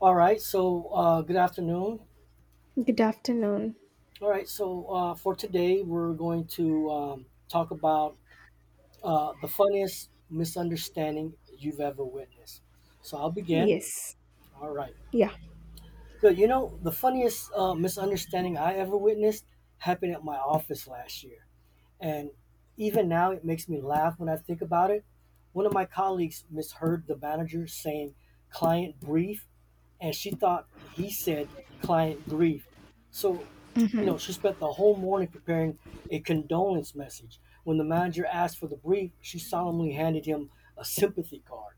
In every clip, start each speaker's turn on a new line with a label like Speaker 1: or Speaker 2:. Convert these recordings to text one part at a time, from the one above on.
Speaker 1: All right, good afternoon.
Speaker 2: Good afternoon.
Speaker 1: All right, so For today, we're going to talk about the funniest misunderstanding you've ever witnessed. So I'll begin.
Speaker 2: Yes.
Speaker 1: All right.
Speaker 2: Yeah.
Speaker 1: So, you know, the funniest misunderstanding I ever witnessed happened at my office last year. And even now, it makes me laugh when I think about it. One of my colleagues misheard the manager saying client brief, and she thought he said client grief. So, you know, she spent the whole morning preparing a condolence message. When the manager asked for the brief, she solemnly handed him a sympathy card.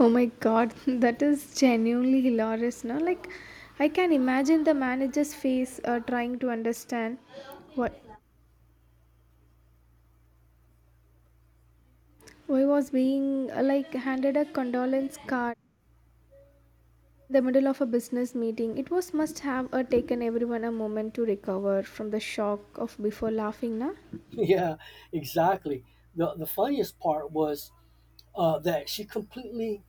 Speaker 2: Oh my god, that is genuinely hilarious, no? I can imagine the manager's face trying to understand what why was being handed a condolence card in the middle of a business meeting. It was must have taken everyone a moment to recover from the shock of before laughing, na?
Speaker 1: Yeah, exactly. The funniest part was that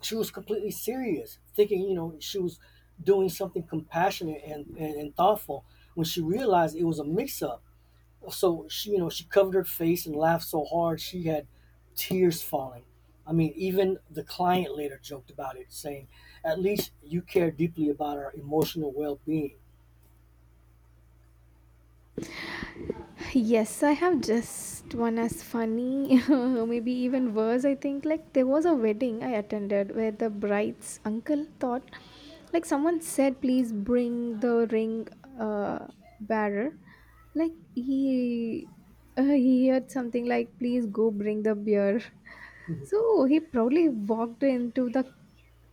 Speaker 1: she was completely serious, thinking, you know, she was doing something compassionate and thoughtful when she realized it was a mix up. So she, you know, she covered her face and laughed so hard she had tears falling. I mean, even the client later joked about it, saying, at least you care deeply about our emotional well being.
Speaker 2: Yes, I have just one as funny, maybe even worse. I think there was a wedding I attended where the bride's uncle thought, like someone said, please bring the ring uh, bearer. Like he heard something like, please go bring the beer. So he proudly walked into the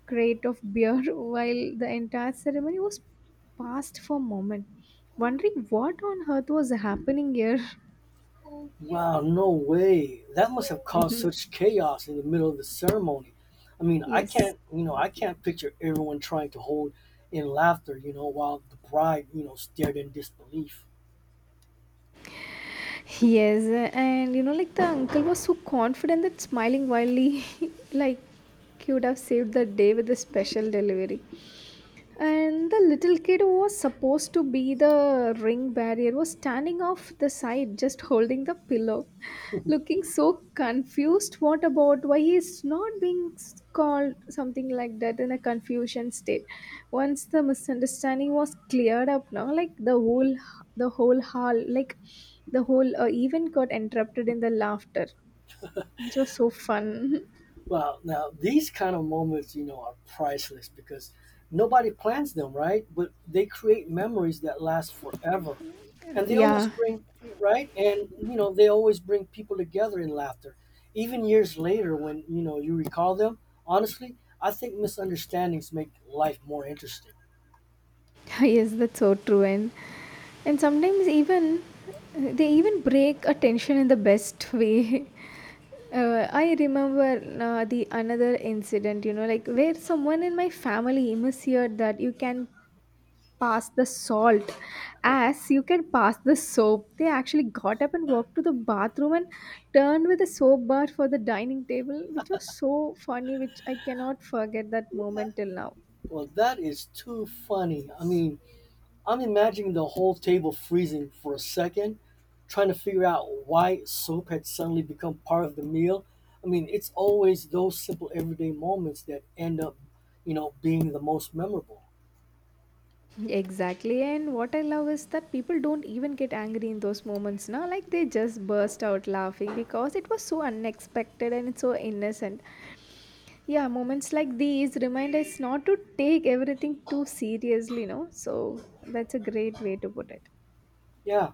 Speaker 2: crate of beer while the entire ceremony was paused for a moment, wondering what on earth was happening here.
Speaker 1: Wow, no way. That must have caused such chaos in the middle of the ceremony. I mean, I
Speaker 2: Yes.
Speaker 1: can't, you know, I can't picture everyone trying to hold in laughter, you know, while the bride, you know, stared in disbelief.
Speaker 2: Yes, and you know, like the uncle was so confident that smiling wildly, like he would have saved the day with a special delivery. And the little kid who was supposed to be the ring barrier was standing off the side, just holding the pillow, looking so confused. What about why he's not being called something like that in a confusion state? Once the misunderstanding was cleared up, now like the whole hall, like the whole event got interrupted in the laughter, which was so fun.
Speaker 1: Well, now these kind of moments, you know, are priceless because nobody plans them, right? But they create memories that last forever. And they always
Speaker 2: Yeah.
Speaker 1: bring, right? And, you know, they always bring people together in laughter. Even years later, when, you know, you recall them, honestly, I think misunderstandings make life more interesting.
Speaker 2: Yes, that's so true. And sometimes even they even break a tension in the best way. I remember the another incident, you know, like where someone in my family misheard that you can pass the salt as you can pass the soap. They actually got up and walked to the bathroom and turned with a soap bar for the dining table, which was so funny, which I cannot forget that
Speaker 1: Yeah.
Speaker 2: moment till now.
Speaker 1: Well, that is too funny. I mean, I'm imagining the whole table freezing for a second, trying to figure out why soap had suddenly become part of the meal. I mean, it's always those simple everyday moments that end up, you know, being the most memorable.
Speaker 2: Exactly. And what I love is that people don't even get angry in those moments now. Like they just burst out laughing because it was so unexpected and it's so innocent. Yeah, moments like these remind us not to take everything too seriously, no? So that's a great way to put it.
Speaker 1: Yeah,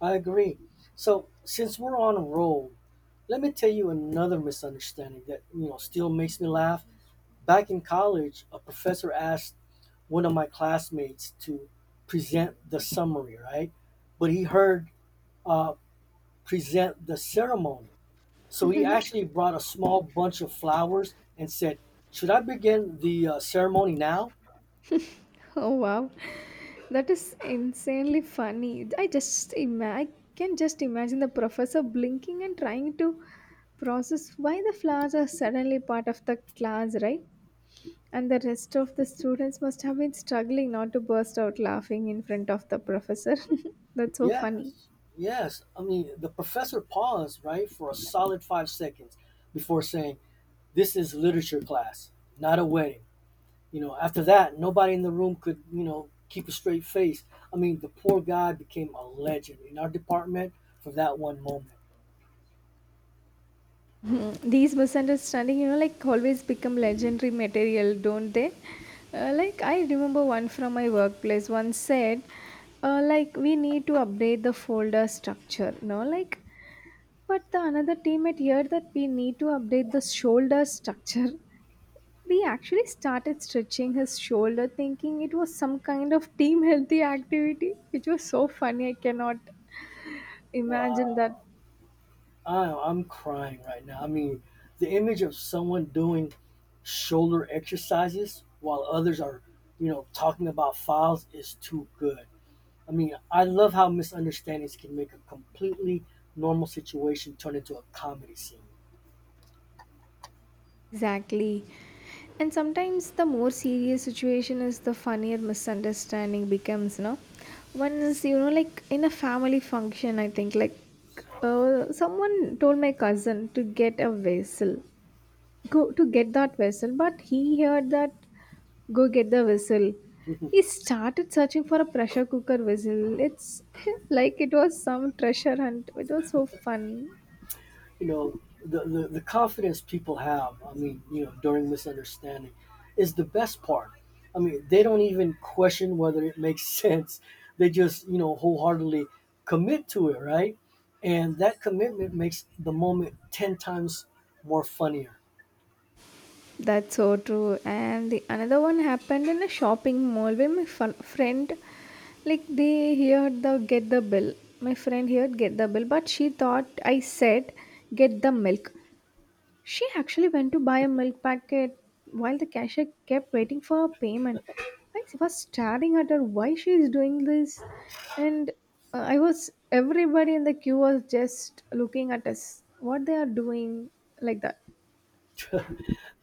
Speaker 1: I agree. So, since we're on a roll, let me tell you another misunderstanding that, you know, still makes me laugh. Back in college, a professor asked one of my classmates to present the summary, right? But he heard uh, present the ceremony. So he actually brought a small bunch of flowers and said, should I begin the ceremony now?
Speaker 2: Oh wow. That is insanely funny. I just I can just imagine the professor blinking and trying to process why the flowers are suddenly part of the class, right? And the rest of the students must have been struggling not to burst out laughing in front of the professor. That's so funny.
Speaker 1: Yes, yes. I mean, the professor paused, right, for a solid 5 seconds before saying, this is literature class, not a wedding. You know, after that, nobody in the room could, you know, keep a straight face. I mean, the poor guy became a legend in our department for that one moment.
Speaker 2: Hmm, these misunderstanding, you know, like always become legendary material, don't they? Like I remember one from my workplace. One said, like we need to update the folder structure, no, like. But the another teammate heard that we need to update the shoulder structure. We actually started stretching his shoulder, thinking it was some kind of team healthy activity, which was so funny. I cannot imagine that.
Speaker 1: Wow. I'm crying right now. I mean, the image of someone doing shoulder exercises while others are, you know, talking about files is too good. I mean, I love how misunderstandings can make a completely normal situation turn into a comedy scene.
Speaker 2: Exactly. And sometimes the more serious situation is, the funnier misunderstanding becomes, no? One is, you know, like in a family function, I think, like someone told my cousin to get a vessel, go to get that vessel, but he heard that go get the whistle. He started searching for a pressure cooker whistle. It's like it was some treasure hunt. It was so fun.
Speaker 1: You know, the confidence people have, I mean, you know, during misunderstanding is the best part. I mean, they don't even question whether it makes sense. They just, you know, wholeheartedly commit to it, right? And that commitment makes the moment 10 times more funnier.
Speaker 2: That's so true. And the another one happened in a shopping mall where my friend, like they heard the get the bill. My friend heard get the bill, but she thought I said get the milk. She actually went to buy a milk packet while the cashier kept waiting for her payment. I was staring at her why she is doing this, and I was everybody in the queue was just looking at us what they are doing like that.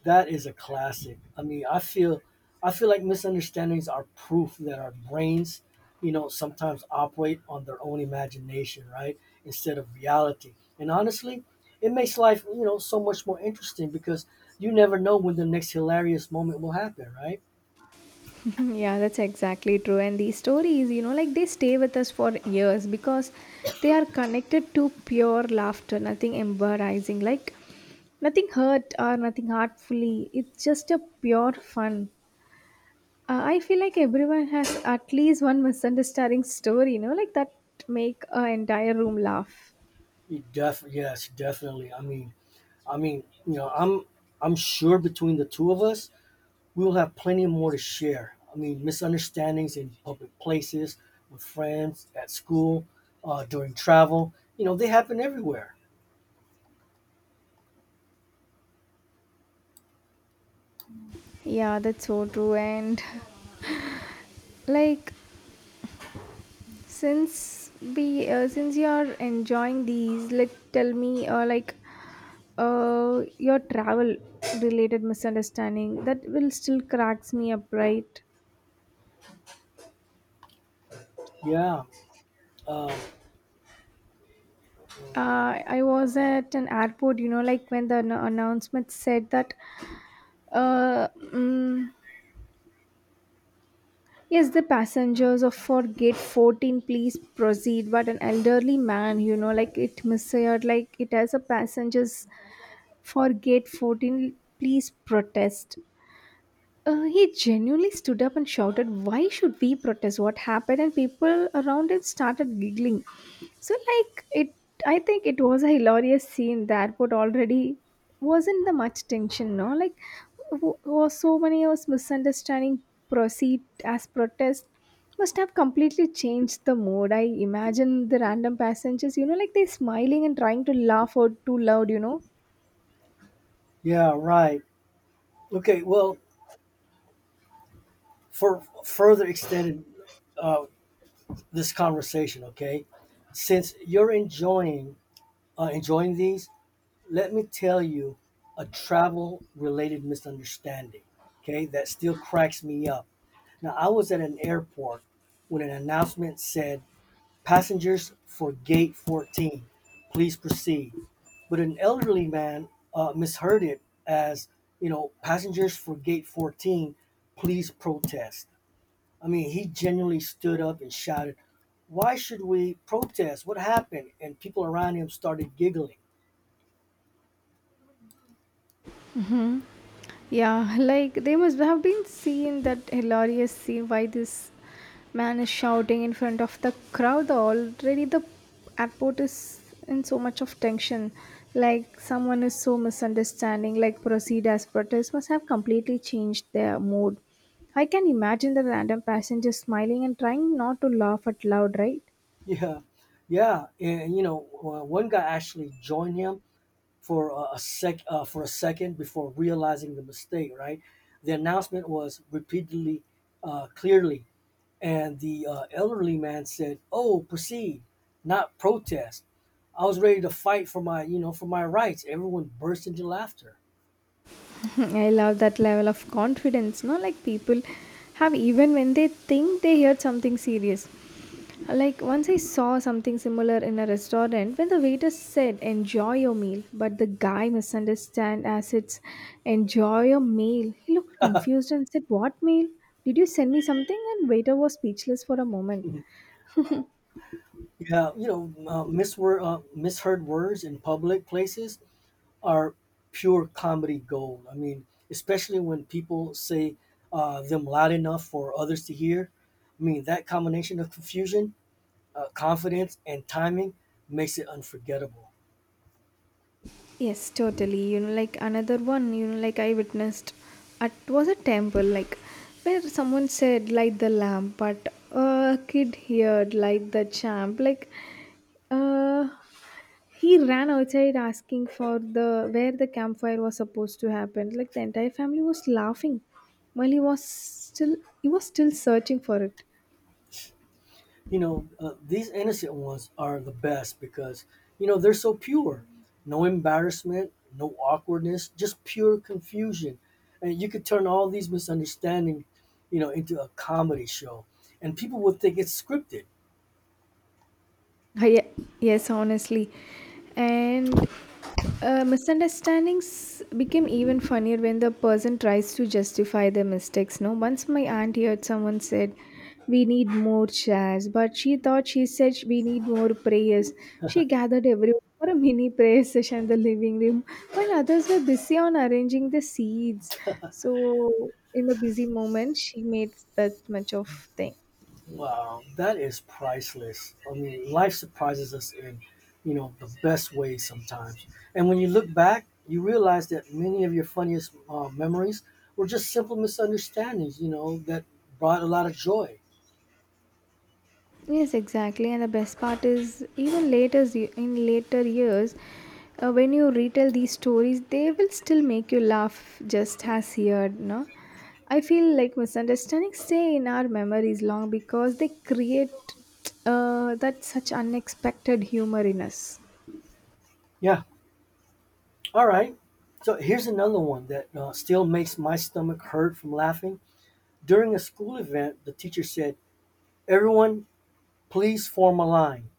Speaker 1: That is a classic. I mean, I feel like misunderstandings are proof that our brains, you know, sometimes operate on their own imagination, right? Instead of reality. And honestly, it makes life, you know, so much more interesting because you never know when the next hilarious moment will happen, right?
Speaker 2: Yeah, that's exactly true. And these stories, you know, like they stay with us for years because they are connected to pure laughter, nothing embarrassing, like nothing hurt or nothing hurtfully. It's just a pure fun. I feel like everyone has at least one misunderstanding story, you know, like that make an entire room laugh.
Speaker 1: You def Yes, definitely. I mean, you know, I'm sure between the two of us, we will have plenty more to share. I mean, misunderstandings in public places, with friends, at school, during travel. You know, they happen everywhere.
Speaker 2: Yeah, that's so true. And like, since you are enjoying these, like, tell me, your travel related misunderstanding that will still cracks me up, right?
Speaker 1: Yeah. Um, mm,
Speaker 2: I was at an airport, you know, like when the announcement said that, uh. Mm, yes, the passengers of for gate 14, please proceed. But an elderly man, you know, like it misheard, like it has a passengers for gate 14, please protest. He genuinely stood up and shouted, why should we protest what happened? And people around him started giggling. So, like, it, I think it was a hilarious scene. The airport already wasn't the much tension, no? Like, was so many of us misunderstanding proceed as protest must have completely changed the mood. I imagine the random passengers, you know, like they smiling and trying to laugh out too loud, you know.
Speaker 1: yeah, right. Okay, well, for further extended uh, this conversation, okay, since you're enjoying these, let me tell you a travel related misunderstanding, okay, that still cracks me up. Now, I was at an airport when an announcement said, passengers for gate 14, please proceed. But an elderly man misheard it as, you know, passengers for gate 14, please protest. I mean, he genuinely stood up and shouted, why should we protest? What happened? And people around him started giggling.
Speaker 2: Yeah, like they must have been seeing that hilarious scene why this man is shouting in front of the crowd. Already the airport is in so much of tension. Like someone is so misunderstanding, like proceed as protest must have completely changed their mood. I can imagine the random passengers smiling and trying not to laugh out loud, right?
Speaker 1: Yeah, yeah, and you know, one guy actually joined him for a sec for a second before realizing the mistake. Right, the announcement was repeatedly clearly, and the elderly man said, "Oh, proceed, not protest." I was ready to fight for my, you know, for my rights. Everyone burst into laughter.
Speaker 2: I love that level of confidence, no? Like people have even when they think they heard something serious. Like once I saw something similar in a restaurant when the waiter said enjoy your meal but the guy misunderstood as it's enjoy your meal. He looked confused and said what meal? Did you send me something? And waiter was speechless for a moment.
Speaker 1: Yeah, you know, misheard words in public places are pure comedy gold. I mean, especially when people say them loud enough for others to hear. I mean, that combination of confusion, confidence, and timing makes it unforgettable.
Speaker 2: Yes, totally. You know, like another one, you know, like I witnessed at was a temple, like where someone said light the lamp, but a kid heard light the champ. Like uh he ran outside asking for the where the campfire was supposed to happen. Like the entire family was laughing while he was still searching for it.
Speaker 1: You know, these innocent ones are the best because, you know, they're so pure. No embarrassment, no awkwardness, just pure confusion. And you could turn all these misunderstandings, you know, into a comedy show. And people would think it's scripted.
Speaker 2: Ah, yeah, yes, honestly. And misunderstandings became even funnier when the person tries to justify their mistakes. No, once my aunt heard someone said, "We need more chairs," but she thought she said we need more prayers. She gathered everyone for a mini prayer session in the living room, while others were busy on arranging the seeds. So, in the busy moment, she made that much of thing.
Speaker 1: Wow, that is priceless. I mean, life surprises us in, you know, the best ways sometimes. And when you look back, you realize that many of your funniest memories were just simple misunderstandings, you know, that brought a lot of joy.
Speaker 2: Yes, exactly. And the best part is, even later in later years, when you retell these stories, they will still make you laugh just as here. No, I feel like misunderstandings stay in our memories long because they create that such unexpected humor in us.
Speaker 1: Yeah. All right. So here's another one that still makes my stomach hurt from laughing. During a school event, the teacher said, everyone, please form a line.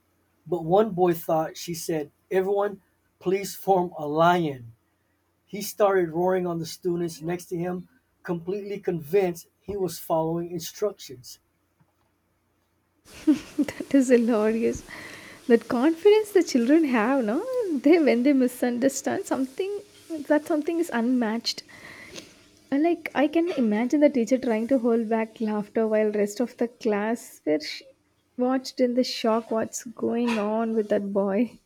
Speaker 1: But one boy thought she said, everyone, please form a lion. He started roaring on the students next to him, completely convinced he was following instructions.
Speaker 2: That is hilarious. That confidence the children have, no, they when they misunderstand something, that something is unmatched. And, like I can imagine the teacher trying to hold back laughter while rest of the class were watched in the shock what's going on with that boy.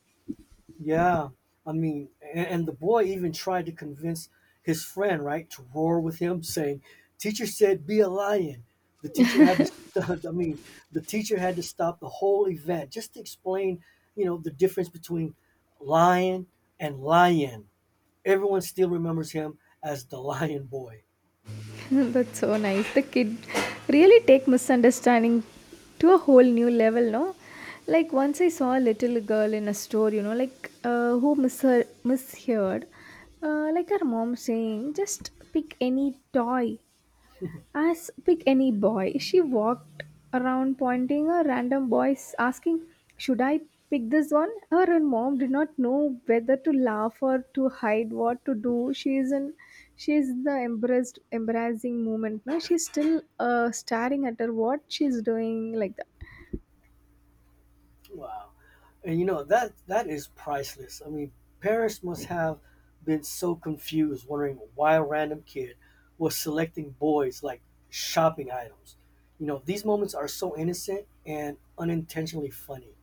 Speaker 1: Yeah, I mean, and the boy even tried to convince his friend, right, to roar with him, saying, "Teacher said be a lion." The teacher had to stop. I mean, the teacher had to stop the whole event just to explain, you know, the difference between lion and lion. Everyone still remembers him as the lion boy.
Speaker 2: That's so nice. The kid really take misunderstanding to a whole new level, no? Like once I saw a little girl in a store, you know, like who misheard like her mom saying, just pick any toy as pick any boy, she walked around pointing a random boys, asking, should I pick this one? Her mom did not know whether to laugh or to hide what to do. She is in she is the embarrassed embarrassing moment. Now she's still staring at her what she's doing like that.
Speaker 1: Wow. And you know that is priceless. I mean, parents must have been so confused wondering why a random kid was selecting boys like shopping items. You know, these moments are so innocent and unintentionally funny.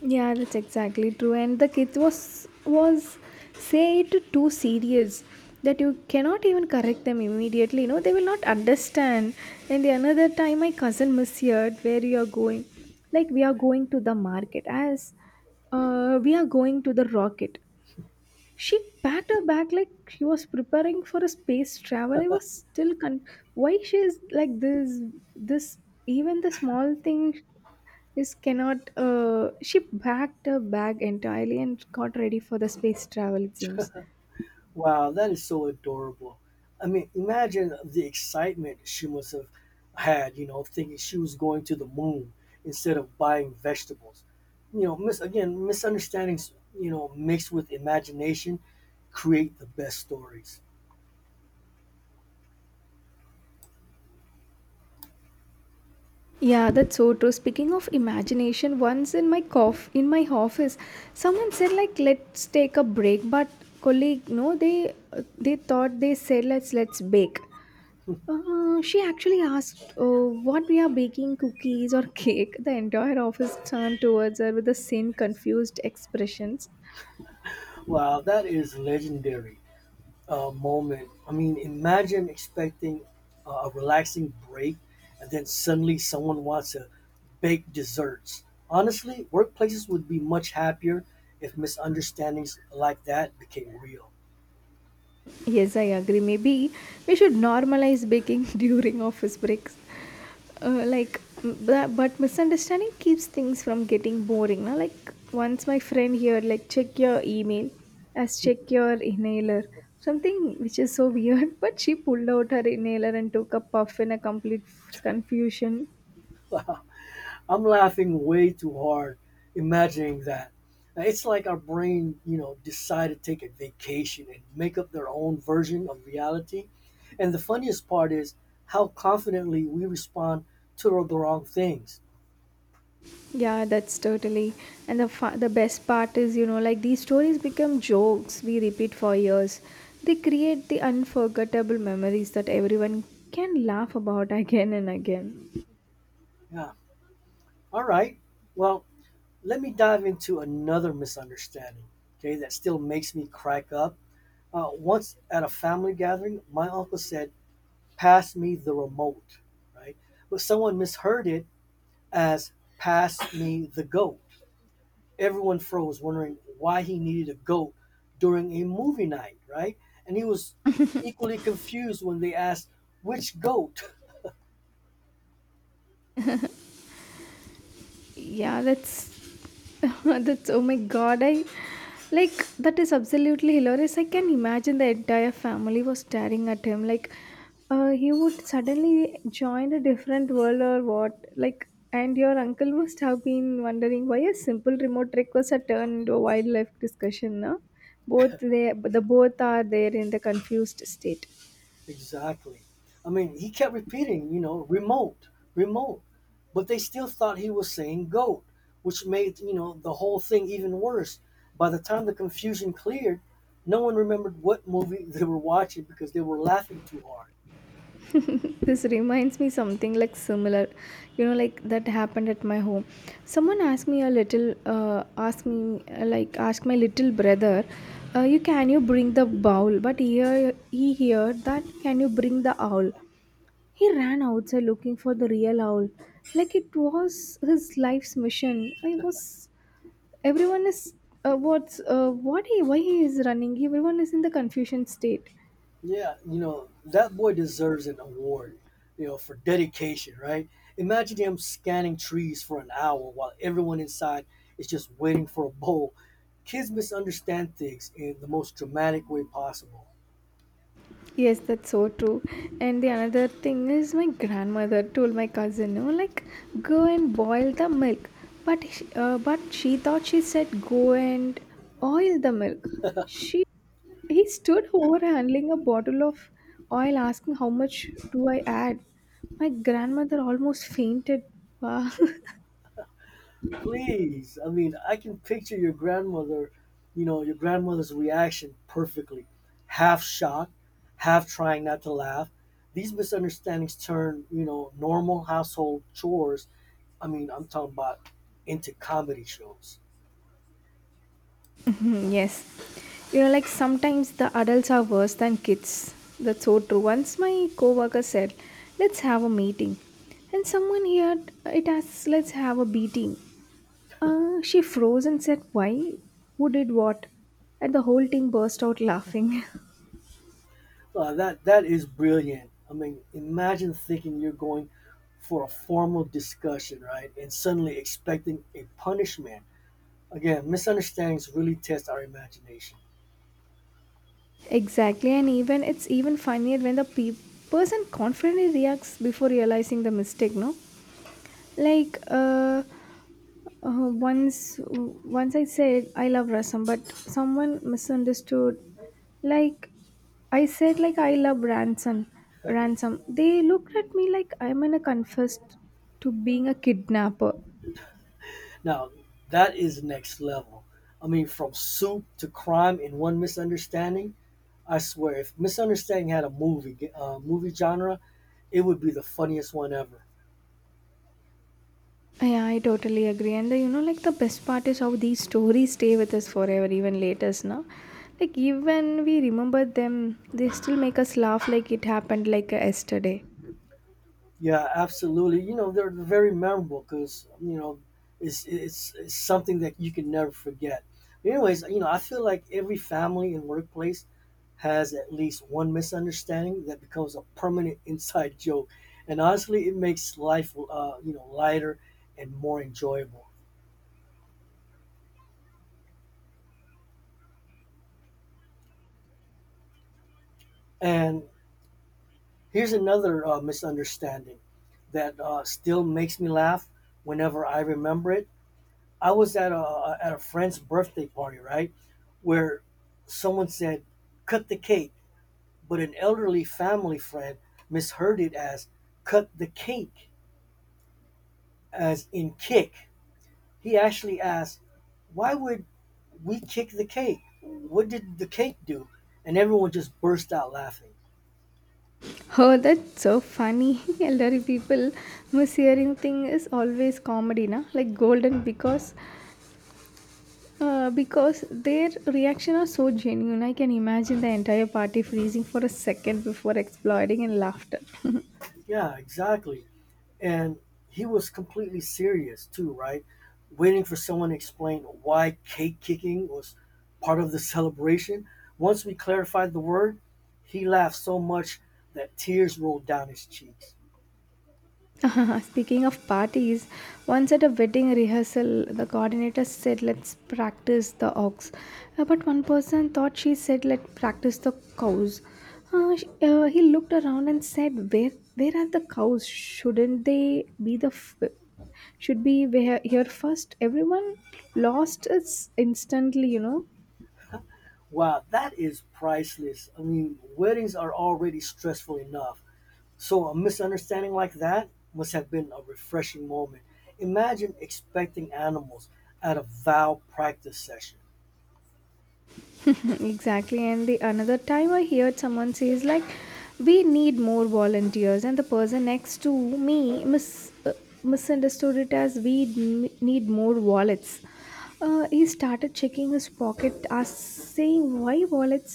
Speaker 2: Yeah, that's exactly true. And the kids was say it too serious that you cannot even correct them immediately. You know, they will not understand. And the another time my cousin misheard where you are going. Like we are going to the market as we are going to the rocket. She packed her bag like she was preparing for a space travel. I was still con why she is like this even the small thing this cannot. She packed her bag entirely and got ready for the space travel. It seems.
Speaker 1: Wow, that is so adorable. I mean, imagine the excitement she must have had, you know, thinking she was going to the moon instead of buying vegetables. You know, misunderstandings, you know, mixed with imagination create the best stories.
Speaker 2: Yeah, that's so true. Speaking of imagination, once in my office, someone said like let's take a break, but colleague, no, they thought they said let's bake. She actually asked oh, what we are baking cookies or cake. The entire office turned towards her with the same confused expressions.
Speaker 1: Wow, that is legendary. Moment. I mean, imagine expecting a relaxing break and then suddenly someone wants to bake desserts. Honestly, workplaces would be much happier if misunderstandings like that became real.
Speaker 2: Yes, I agree. Maybe we should normalize baking during office breaks. But misunderstanding keeps things from getting boring. Now, like once my friend here, like check your email, as check your inhaler, something which is so weird. But she pulled out her inhaler and took a puff in a complete confusion.
Speaker 1: I'm laughing way too hard imagining that. It's like our brain, you know, decided to take a vacation and make up their own version of reality. And the funniest part is how confidently we respond to the wrong things.
Speaker 2: Yeah, that's totally. And the best part is, you know, like these stories become jokes we repeat for years. They create the unforgettable memories that everyone can laugh about again and again.
Speaker 1: Yeah, all right. Well, let me dive into another misunderstanding, okay, that still makes me crack up. Once at a family gathering, my uncle said, pass me the remote, right? But someone misheard it as pass me the goat. Everyone froze, wondering why he needed a goat during a movie night, right? And he was equally confused when they asked, which goat?
Speaker 2: Yeah, that's that's, oh my god, I like that is absolutely hilarious. I can imagine the entire family was staring at him like he would suddenly join a different world or what, like, and your uncle must have been wondering why a simple remote request had turned into a wildlife discussion, no? Both, the both are there in the confused state.
Speaker 1: Exactly. I mean, he kept repeating, you know, remote, remote. But they still thought he was saying goat, which made, you know, the whole thing even worse. By the time the confusion cleared, no one remembered what movie they were watching because they were laughing too hard.
Speaker 2: This reminds me something like similar, you know, like that happened at my home. Someone asked me a little asked me like asked my little brother, you can you bring the bowl, but here he heard that can you bring the owl. He ran outside looking for the real owl like it was his life's mission. I was, everyone is, what's what, he why he is running, everyone is in the confusion state.
Speaker 1: Yeah, you know, that boy deserves an award, you know, for dedication, right? Imagine him scanning trees for an hour while everyone inside is just waiting for a bowl. Kids misunderstand things in the most dramatic way possible.
Speaker 2: Yes, that's so true. And the another thing is my grandmother told my cousin, no, like, go and boil the milk. But but she thought she said go and oil the milk. She, he stood over handling a bottle of oil, asking how much do I add. My grandmother almost fainted. Wow.
Speaker 1: Please. I mean, I can picture your grandmother, you know, your grandmother's reaction perfectly. Half shocked, half trying not to laugh. These misunderstandings turn, you know, normal household chores, I mean, I'm talking about into comedy shows.
Speaker 2: Hmm, yes. You know, like sometimes the adults are worse than kids. That's so true. Once my coworker said, "Let's have a meeting," and someone heard it as, "Let's have a beating." She froze and said, "Why? Who did what?" And the whole team burst out laughing.
Speaker 1: That is brilliant. I mean, imagine thinking you're going for a formal discussion, right? And suddenly expecting a punishment. Again, misunderstandings really test our imagination.
Speaker 2: Exactly, and even it's even funnier when the person confidently reacts before realizing the mistake. No, like once I said I love rasam, but someone misunderstood. Like I said, like I love ransom. Ransom. They looked at me like I'm in a confessed to being a kidnapper.
Speaker 1: Now, that is next level. I mean, from soup to crime in one misunderstanding. I swear, if misunderstanding had a movie genre, it would be the funniest one ever.
Speaker 2: Yeah, I totally agree. And the, you know, like the best part is how these stories stay with us forever, even later, no? Like even we remember them, they still make us laugh like it happened like yesterday.
Speaker 1: Yeah, absolutely. You know, they're very memorable because you know it's something that you can never forget. But anyways, you know, I feel like every family and workplace has at least one misunderstanding that becomes a permanent inside joke, and honestly, it makes life you know lighter and more enjoyable. And here's another misunderstanding that still makes me laugh whenever I remember it. I was at a friend's birthday party, right, where someone said cut the cake, but an elderly family friend misheard it as cut the cake, as in kick. He actually asked, "Why would we kick the cake? What did the cake do?" And everyone just burst out laughing.
Speaker 2: Oh, that's so funny. Elderly people mishearing thing is always comedy, na? Like golden because their reaction are so genuine. I can imagine the entire party freezing for a second before exploding in laughter.
Speaker 1: Yeah, exactly. And he was completely serious too, right? Waiting for someone to explain why cake kicking was part of the celebration. Once we clarified the word, he laughed so much that tears rolled down his cheeks.
Speaker 2: Speaking of parties, once at a wedding rehearsal, the coordinator said, let's practice the ox. But one person thought she said, let's practice the cows. He looked around and said, "Where, are the cows? Shouldn't they be should be where, here first?" Everyone lost its instantly, you know.
Speaker 1: Wow, that is priceless. I mean, weddings are already stressful enough. So a misunderstanding like that must have been a refreshing moment. Imagine expecting animals at a vow practice session.
Speaker 2: Exactly, and the another time I heard someone says like we need more volunteers, and the person next to me mis- uh, misunderstood it as we need more wallets. Uh, he started checking his pocket as saying why wallets,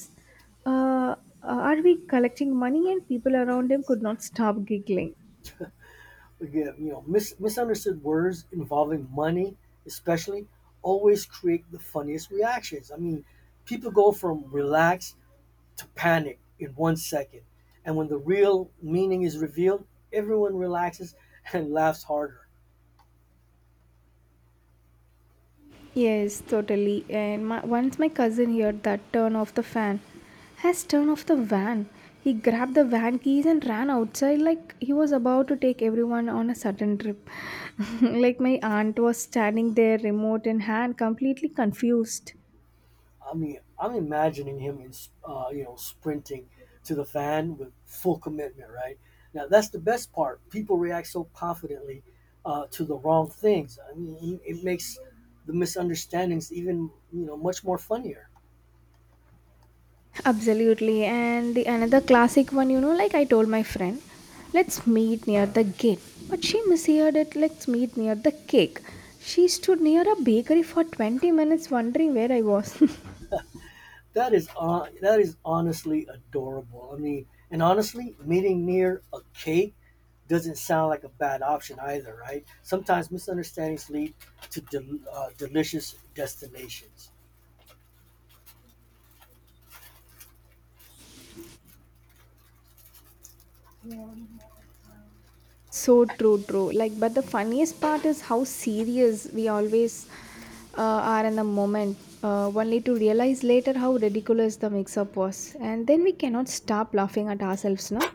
Speaker 2: uh, are we collecting money, and people around him could not stop giggling.
Speaker 1: Again, you know, misunderstood words involving money, especially, always create the funniest reactions. I mean, people go from relaxed to panic in 1 second. And when the real meaning is revealed, everyone relaxes and laughs harder.
Speaker 2: Yes, totally. And my, once my cousin heard that turn off the fan has turn off the van. He grabbed the van keys and ran outside like he was about to take everyone on a sudden trip. Like my aunt was standing there, remote in hand, completely confused.
Speaker 1: I mean, I'm imagining him in, you know, sprinting to the fan with full commitment, right? Now, that's the best part. People react so confidently to the wrong things. I mean, it makes the misunderstandings even, you know, much more funnier.
Speaker 2: Absolutely. And the another classic one, you know, like, I told my friend, let's meet near the gate. But she misheard it, let's meet near the cake. She stood near a bakery for 20 minutes wondering where I was.
Speaker 1: That is honestly adorable. I mean, and honestly, meeting near a cake doesn't sound like a bad option either, right? Sometimes misunderstandings lead to delicious destinations.
Speaker 2: So true, true. Like, but the funniest part is how serious we always are in the moment, only to realize later how ridiculous the mix up was. And then we cannot stop laughing at ourselves, no?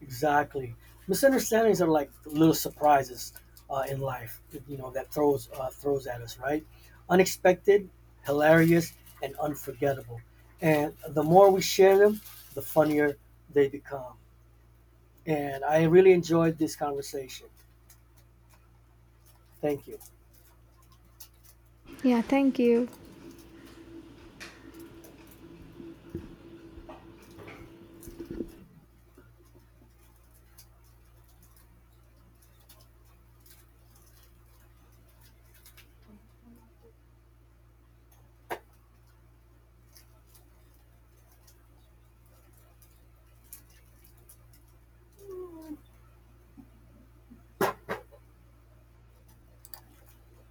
Speaker 1: Exactly. Misunderstandings are like little surprises in life, you know, that throws at us, right? Unexpected, hilarious, and unforgettable. And the more we share them, the funnier they become. And I really enjoyed this conversation. Thank you.
Speaker 2: Yeah, thank you.